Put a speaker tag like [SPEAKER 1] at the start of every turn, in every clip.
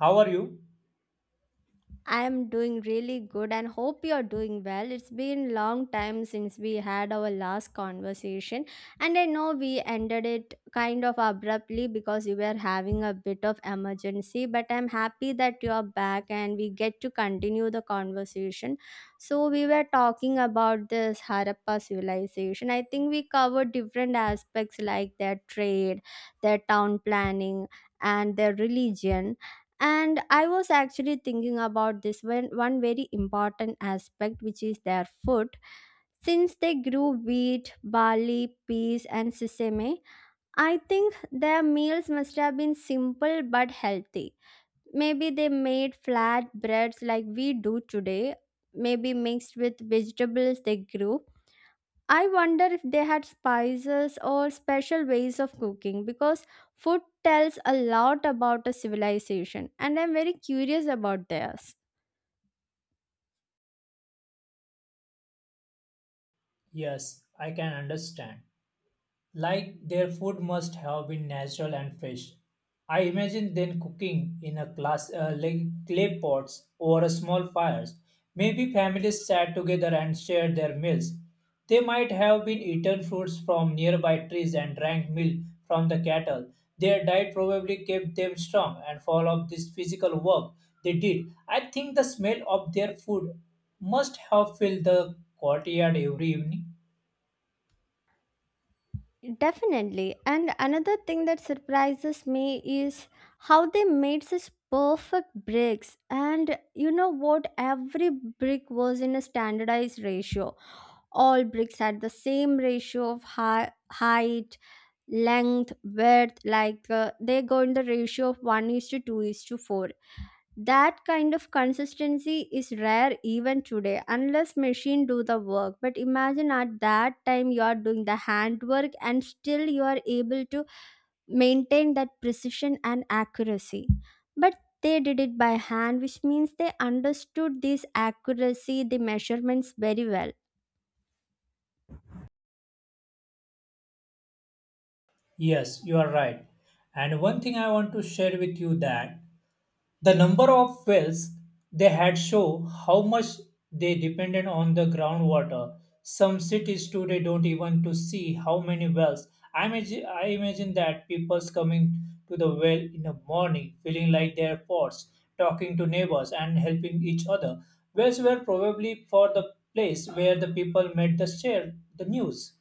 [SPEAKER 1] How are you?
[SPEAKER 2] I'm doing really good and hope you're doing well. It's been long time since we had our last conversation, and I know we ended it kind of abruptly because you were having a bit of emergency, but I'm happy that you're back and we get to continue the conversation. So we were talking about this Harappa civilization. I think we covered different aspects like their trade, their town planning, and their religion. And I was actually thinking about this one very important aspect, which is their food. Since they grew wheat, barley, peas, and sesame, I think their meals must have been simple but healthy. Maybe they made flat breads like we do today, maybe mixed with vegetables they grew. I wonder if they had spices or special ways of cooking, because food tells a lot about a civilization, and I'm very curious about theirs.
[SPEAKER 1] Yes, I can understand. Like their food must have been natural and fresh. I imagine them cooking in a glass, like clay pots over a small fires. Maybe families sat together and shared their meals. They might have been eaten fruits from nearby trees and drank milk from the cattle. Their diet probably kept them strong and full of this physical work they did. I think the smell of their food must have filled the courtyard every evening.
[SPEAKER 2] Definitely. And another thing that surprises me is how they made such perfect bricks. And you know what? Every brick was in a standardized ratio. All bricks had the same ratio of high, height, length, width, they go in the ratio of 1 is to 2 is to 4. That kind of consistency is rare even today unless machine do the work. But imagine at that time you are doing the handwork and still you are able to maintain that precision and accuracy. But they did it by hand, which means they understood this accuracy, the measurements very well.
[SPEAKER 1] Yes, you are right. And one thing I want to share with you that the number of wells they had show how much they depended on the groundwater. Some cities today don't even to see how many wells. I imagine that people's coming to the well in the morning, feeling like they're pots, talking to neighbors and helping each other. Wells were probably for the place where the people met the share the news.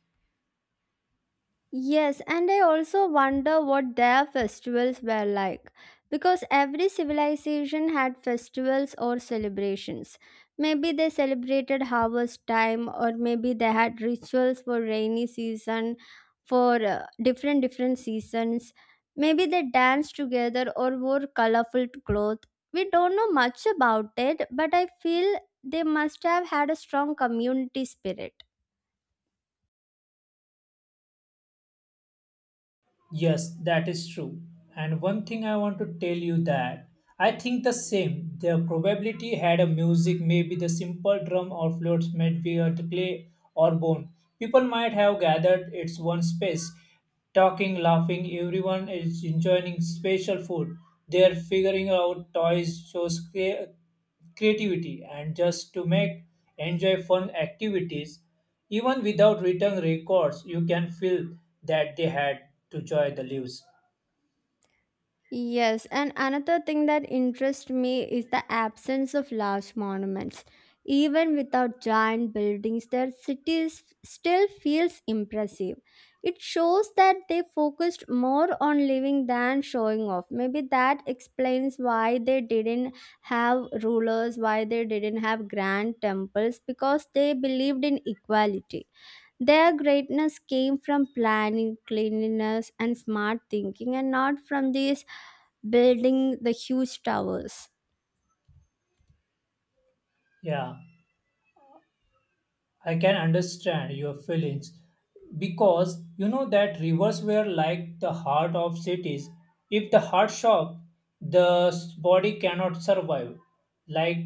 [SPEAKER 2] Yes, and I also wonder what their festivals were like. Because every civilization had festivals or celebrations. Maybe they celebrated harvest time, or maybe they had rituals for rainy season, for different seasons. Maybe they danced together or wore colorful clothes. We don't know much about it, but I feel they must have had a strong community spirit.
[SPEAKER 1] Yes, that is true. And one thing I want to tell you that I think the same. The probability had a music, maybe the simple drum or flutes, maybe a clay or bone. People might have gathered its one space, talking, laughing. Everyone is enjoying special food. They are figuring out toys, shows, creativity, and just to make enjoy fun activities. Even without written records, you can feel that they had to joy the leaves.
[SPEAKER 2] Yes, and another thing that interests me is the absence of large monuments. Even without giant buildings, their cities still feels impressive. It shows that they focused more on living than showing off. Maybe that explains why they didn't have rulers, why they didn't have grand temples, because they believed in equality. Their greatness came from planning, cleanliness, and smart thinking, and not from these building the huge towers.
[SPEAKER 1] Yeah. I can understand your feelings because you know that rivers were like the heart of cities. If the heart shop, the body cannot survive. Like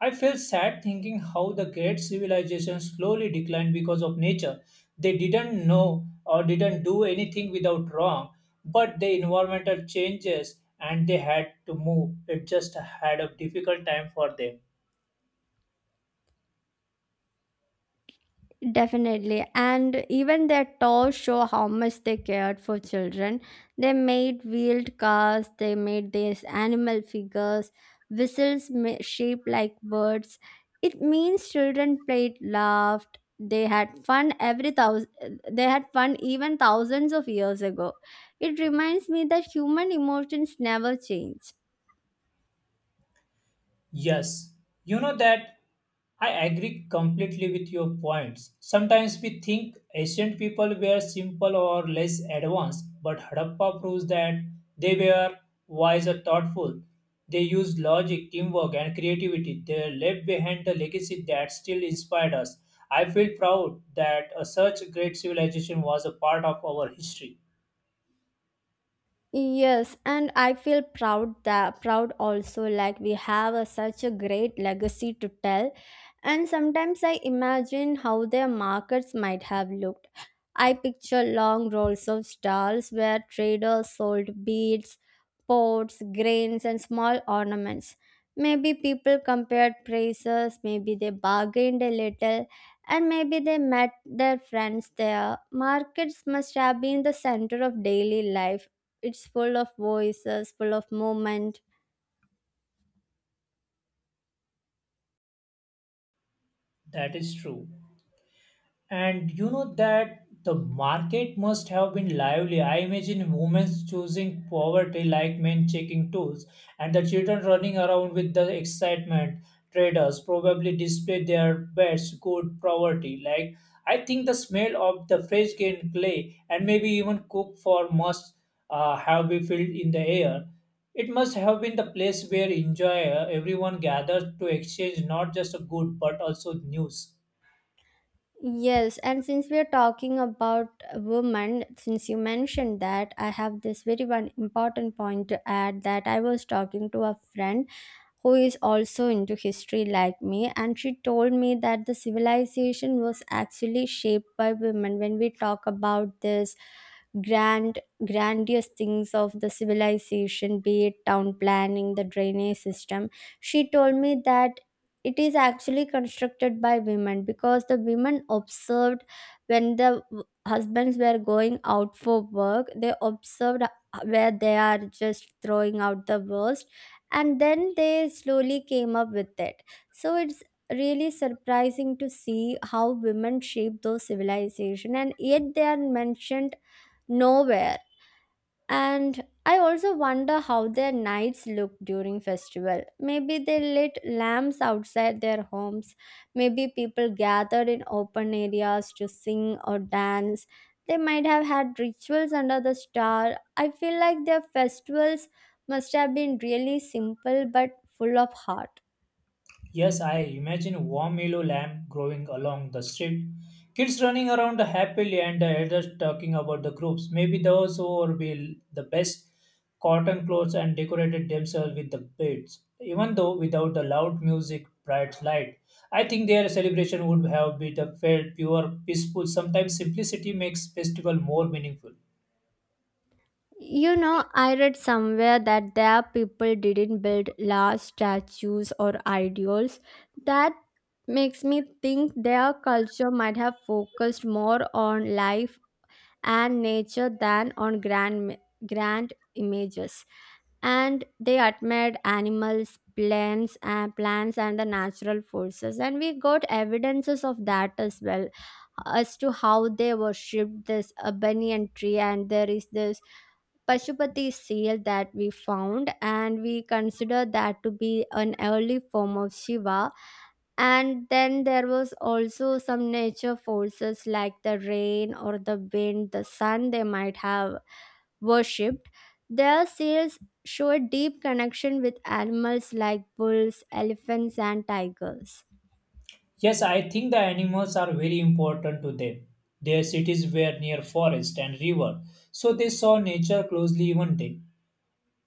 [SPEAKER 1] I feel sad thinking how the great civilization slowly declined because of nature. They didn't know or didn't do anything without wrong, but the environmental changes and they had to move. It just had a difficult time for them.
[SPEAKER 2] Definitely. And even their tours show how much they cared for children. They made wheeled cars, they made these animal figures, shaped like birds. It means children played, laughed, they had fun every thousand they had fun even thousands of years ago. It reminds me that human emotions never change.
[SPEAKER 1] Yes, you know that I agree completely with your points. Sometimes we think ancient people were simple or less advanced, but Harappa proves that they were wise or thoughtful. They used logic, teamwork, and creativity. They left behind a legacy that still inspired us. I feel proud that a such great civilization was a part of our history.
[SPEAKER 2] Yes, and I feel proud also like we have a, such a great legacy to tell. And sometimes I imagine how their markets might have looked. I picture long rows of stalls where traders sold beads, pots, grains, and small ornaments. Maybe people compared prices, maybe they bargained a little, and maybe they met their friends there. Markets must have been the center of daily life, it's full of voices, full of movement.
[SPEAKER 1] That is true. And you know that the market must have been lively. I imagine women choosing poverty like men checking tools, and the children running around with the excitement. Traders probably displayed their best good poverty. Like I think the smell of the fresh grain clay and maybe even cook for must have been filled in the air. It must have been the place where enjoy everyone gathers to exchange not just a good but also news.
[SPEAKER 2] Yes, and since we are talking about women, since you mentioned that, I have this very one important point to add, that I was talking to a friend who is also into history like me, and she told me that the civilization was actually shaped by women. When we talk about this grand grandiose things of the civilization, be it town planning, the drainage system, she told me that it is actually constructed by women, because the women observed, when the husbands were going out for work, they observed where they are just throwing out the waste, and then they slowly came up with it. So it's really surprising to see how women shape those civilization, and yet they are mentioned nowhere. And I also wonder how their nights look during festival. Maybe they lit lamps outside their homes. Maybe people gathered in open areas to sing or dance. They might have had rituals under the star. I feel like their festivals must have been really simple but full of heart.
[SPEAKER 1] Yes, I imagine warm yellow lamb growing along the street. Kids running around happily and the elders talking about the groups. Maybe those who will be the best cotton clothes and decorated themselves with the beads. Even though without the loud music, bright light, I think their celebration would have been the felt pure, peaceful. Sometimes simplicity makes festival more meaningful.
[SPEAKER 2] You know, I read somewhere that their people didn't build large statues or idols. That makes me think their culture might have focused more on life and nature than on grand images. And they admired animals, plants, and the natural forces. And we got evidences of that as well, as to how they worshipped this banyan tree, and there is this Pashupati seal that we found, and we consider that to be an early form of Shiva. And then there was also some nature forces like the rain or the wind, the sun they might have worshipped. Their seals show a deep connection with animals like bulls, elephants, and tigers.
[SPEAKER 1] Yes, I think the animals are very important to them. Their cities were near forest and river, so they saw nature closely even day.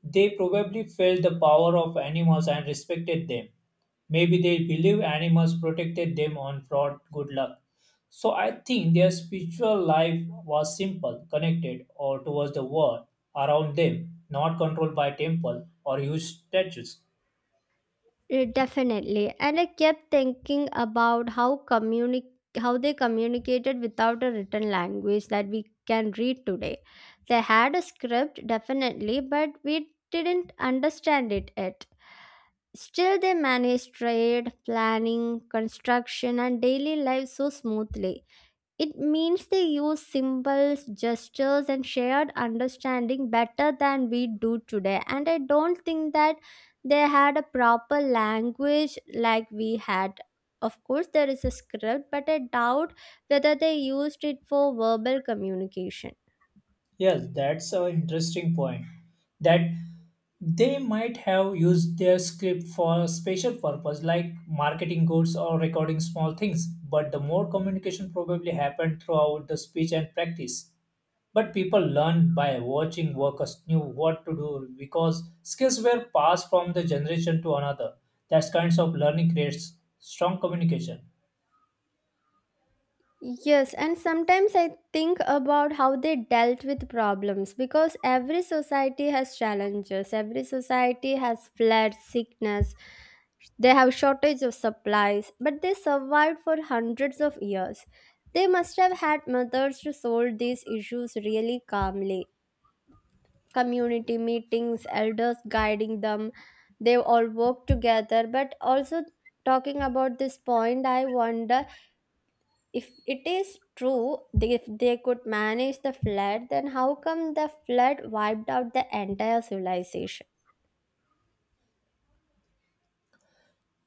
[SPEAKER 1] They probably felt the power of animals and respected them. Maybe they believe animals protected them on fraud good luck. So I think their spiritual life was simple, connected or towards the world around them, not controlled by temple or huge statues.
[SPEAKER 2] Definitely. And I kept thinking about how they communicated without a written language that we can read today. They had a script, definitely, but we didn't understand it yet. Still, they managed trade, planning, construction, and daily life so smoothly. It means they use symbols, gestures, and shared understanding better than we do today. And I don't think that they had a proper language like we had. Of course, there is a script, but I doubt whether they used it for verbal communication.
[SPEAKER 1] Yes, that's an interesting point. That they might have used their script for a special purpose like marketing goods or recording small things, but the more communication probably happened throughout the speech and practice. But people learned by watching workers knew what to do because skills were passed from the generation to another. That kinds of learning creates strong communication.
[SPEAKER 2] Yes, and sometimes I think about how they dealt with problems, because every society has challenges, every society has floods, sickness, they have shortage of supplies, but they survived for hundreds of years. They must have had mothers to solve these issues really calmly. Community meetings, elders guiding them, they all work together. But also, talking about this point, I wonder if it is true they, if they could manage the flood, then how come the flood wiped out the entire civilization.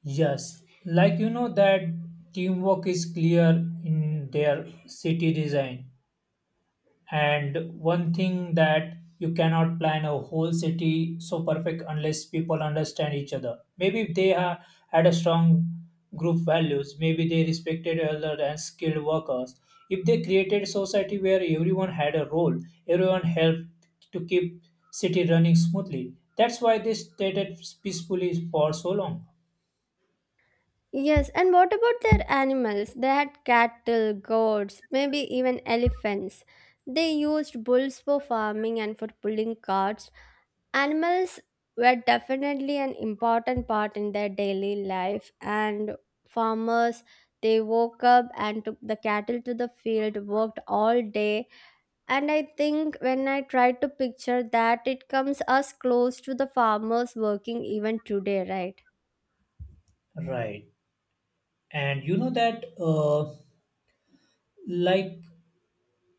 [SPEAKER 1] Yes, like you know that teamwork is clear in their city design. And one thing that you cannot plan a whole city so perfect unless people understand each other. Maybe they had a strong group values. Maybe they respected elder and skilled workers. If they created society where everyone had a role, everyone helped to keep city running smoothly. That's why they stayed peacefully for so long.
[SPEAKER 2] Yes, and what about their animals? They had cattle, goats, maybe even elephants. They used bulls for farming and for pulling carts. Animals were definitely an important part in their daily life. And farmers, they woke up and took the cattle to the field, worked all day. And I think when I try to picture that, it comes as close to the farmers working even today, right?
[SPEAKER 1] Right. And you know that, like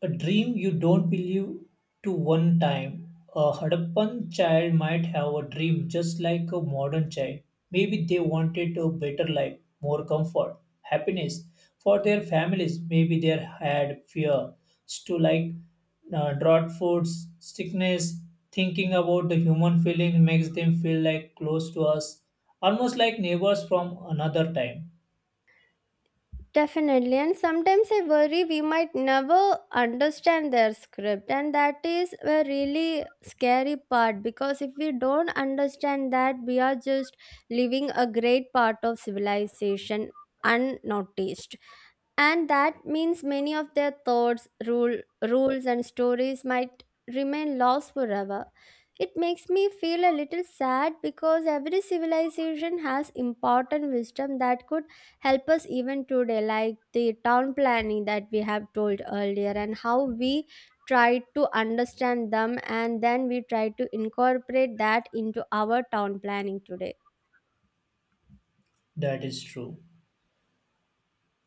[SPEAKER 1] a dream you don't believe to one time. A Harappan child might have a dream just like a modern child. Maybe they wanted a better life, more comfort, happiness for their families. Maybe they had fears to like drought foods, sickness. Thinking about the human feeling makes them feel like close to us, almost like neighbors from another time.
[SPEAKER 2] Definitely, and sometimes I worry we might never understand their script, and that is a really scary part, because if we don't understand that, we are just leaving a great part of civilization unnoticed, and that means many of their thoughts, rules, and stories might remain lost forever. It makes me feel a little sad, because every civilization has important wisdom that could help us even today, like the town planning that we have told earlier, and how we try to understand them and then we try to incorporate that into our town planning today.
[SPEAKER 1] That is true.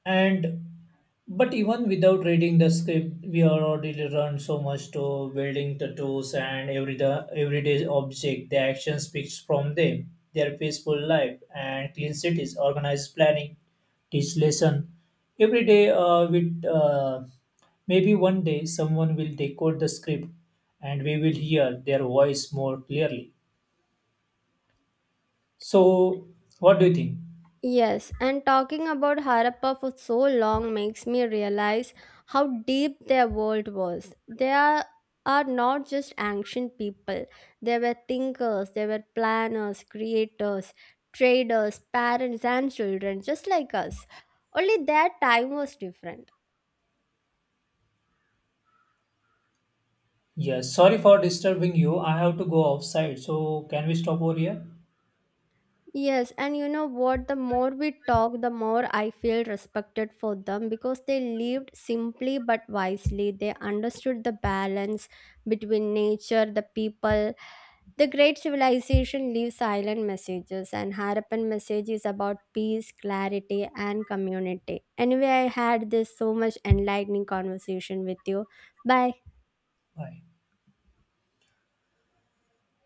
[SPEAKER 1] And but even without reading the script, we are already run so much to building tattoos and every the everyday object. The action speaks from them. Their peaceful life and clean cities, organized planning, teach lesson. Every day, with maybe one day, someone will decode the script, and we will hear their voice more clearly. So, what do you think?
[SPEAKER 2] Yes, and talking about Harappa for so long makes me realize how deep their world was. Are not just ancient people, they were thinkers, they were planners, creators, traders, parents, and children, just like us. Only their time was different.
[SPEAKER 1] Yes, sorry for disturbing you. I have to go outside. So, can we stop over here?
[SPEAKER 2] Yes, and you know what? The more we talk, the more I feel respected for them, because they lived simply but wisely. They understood the balance between nature, the people. The great civilization leaves silent messages, and Harappan message is about peace, clarity, and community. Anyway, I had this so much enlightening conversation with you. Bye.
[SPEAKER 1] Bye.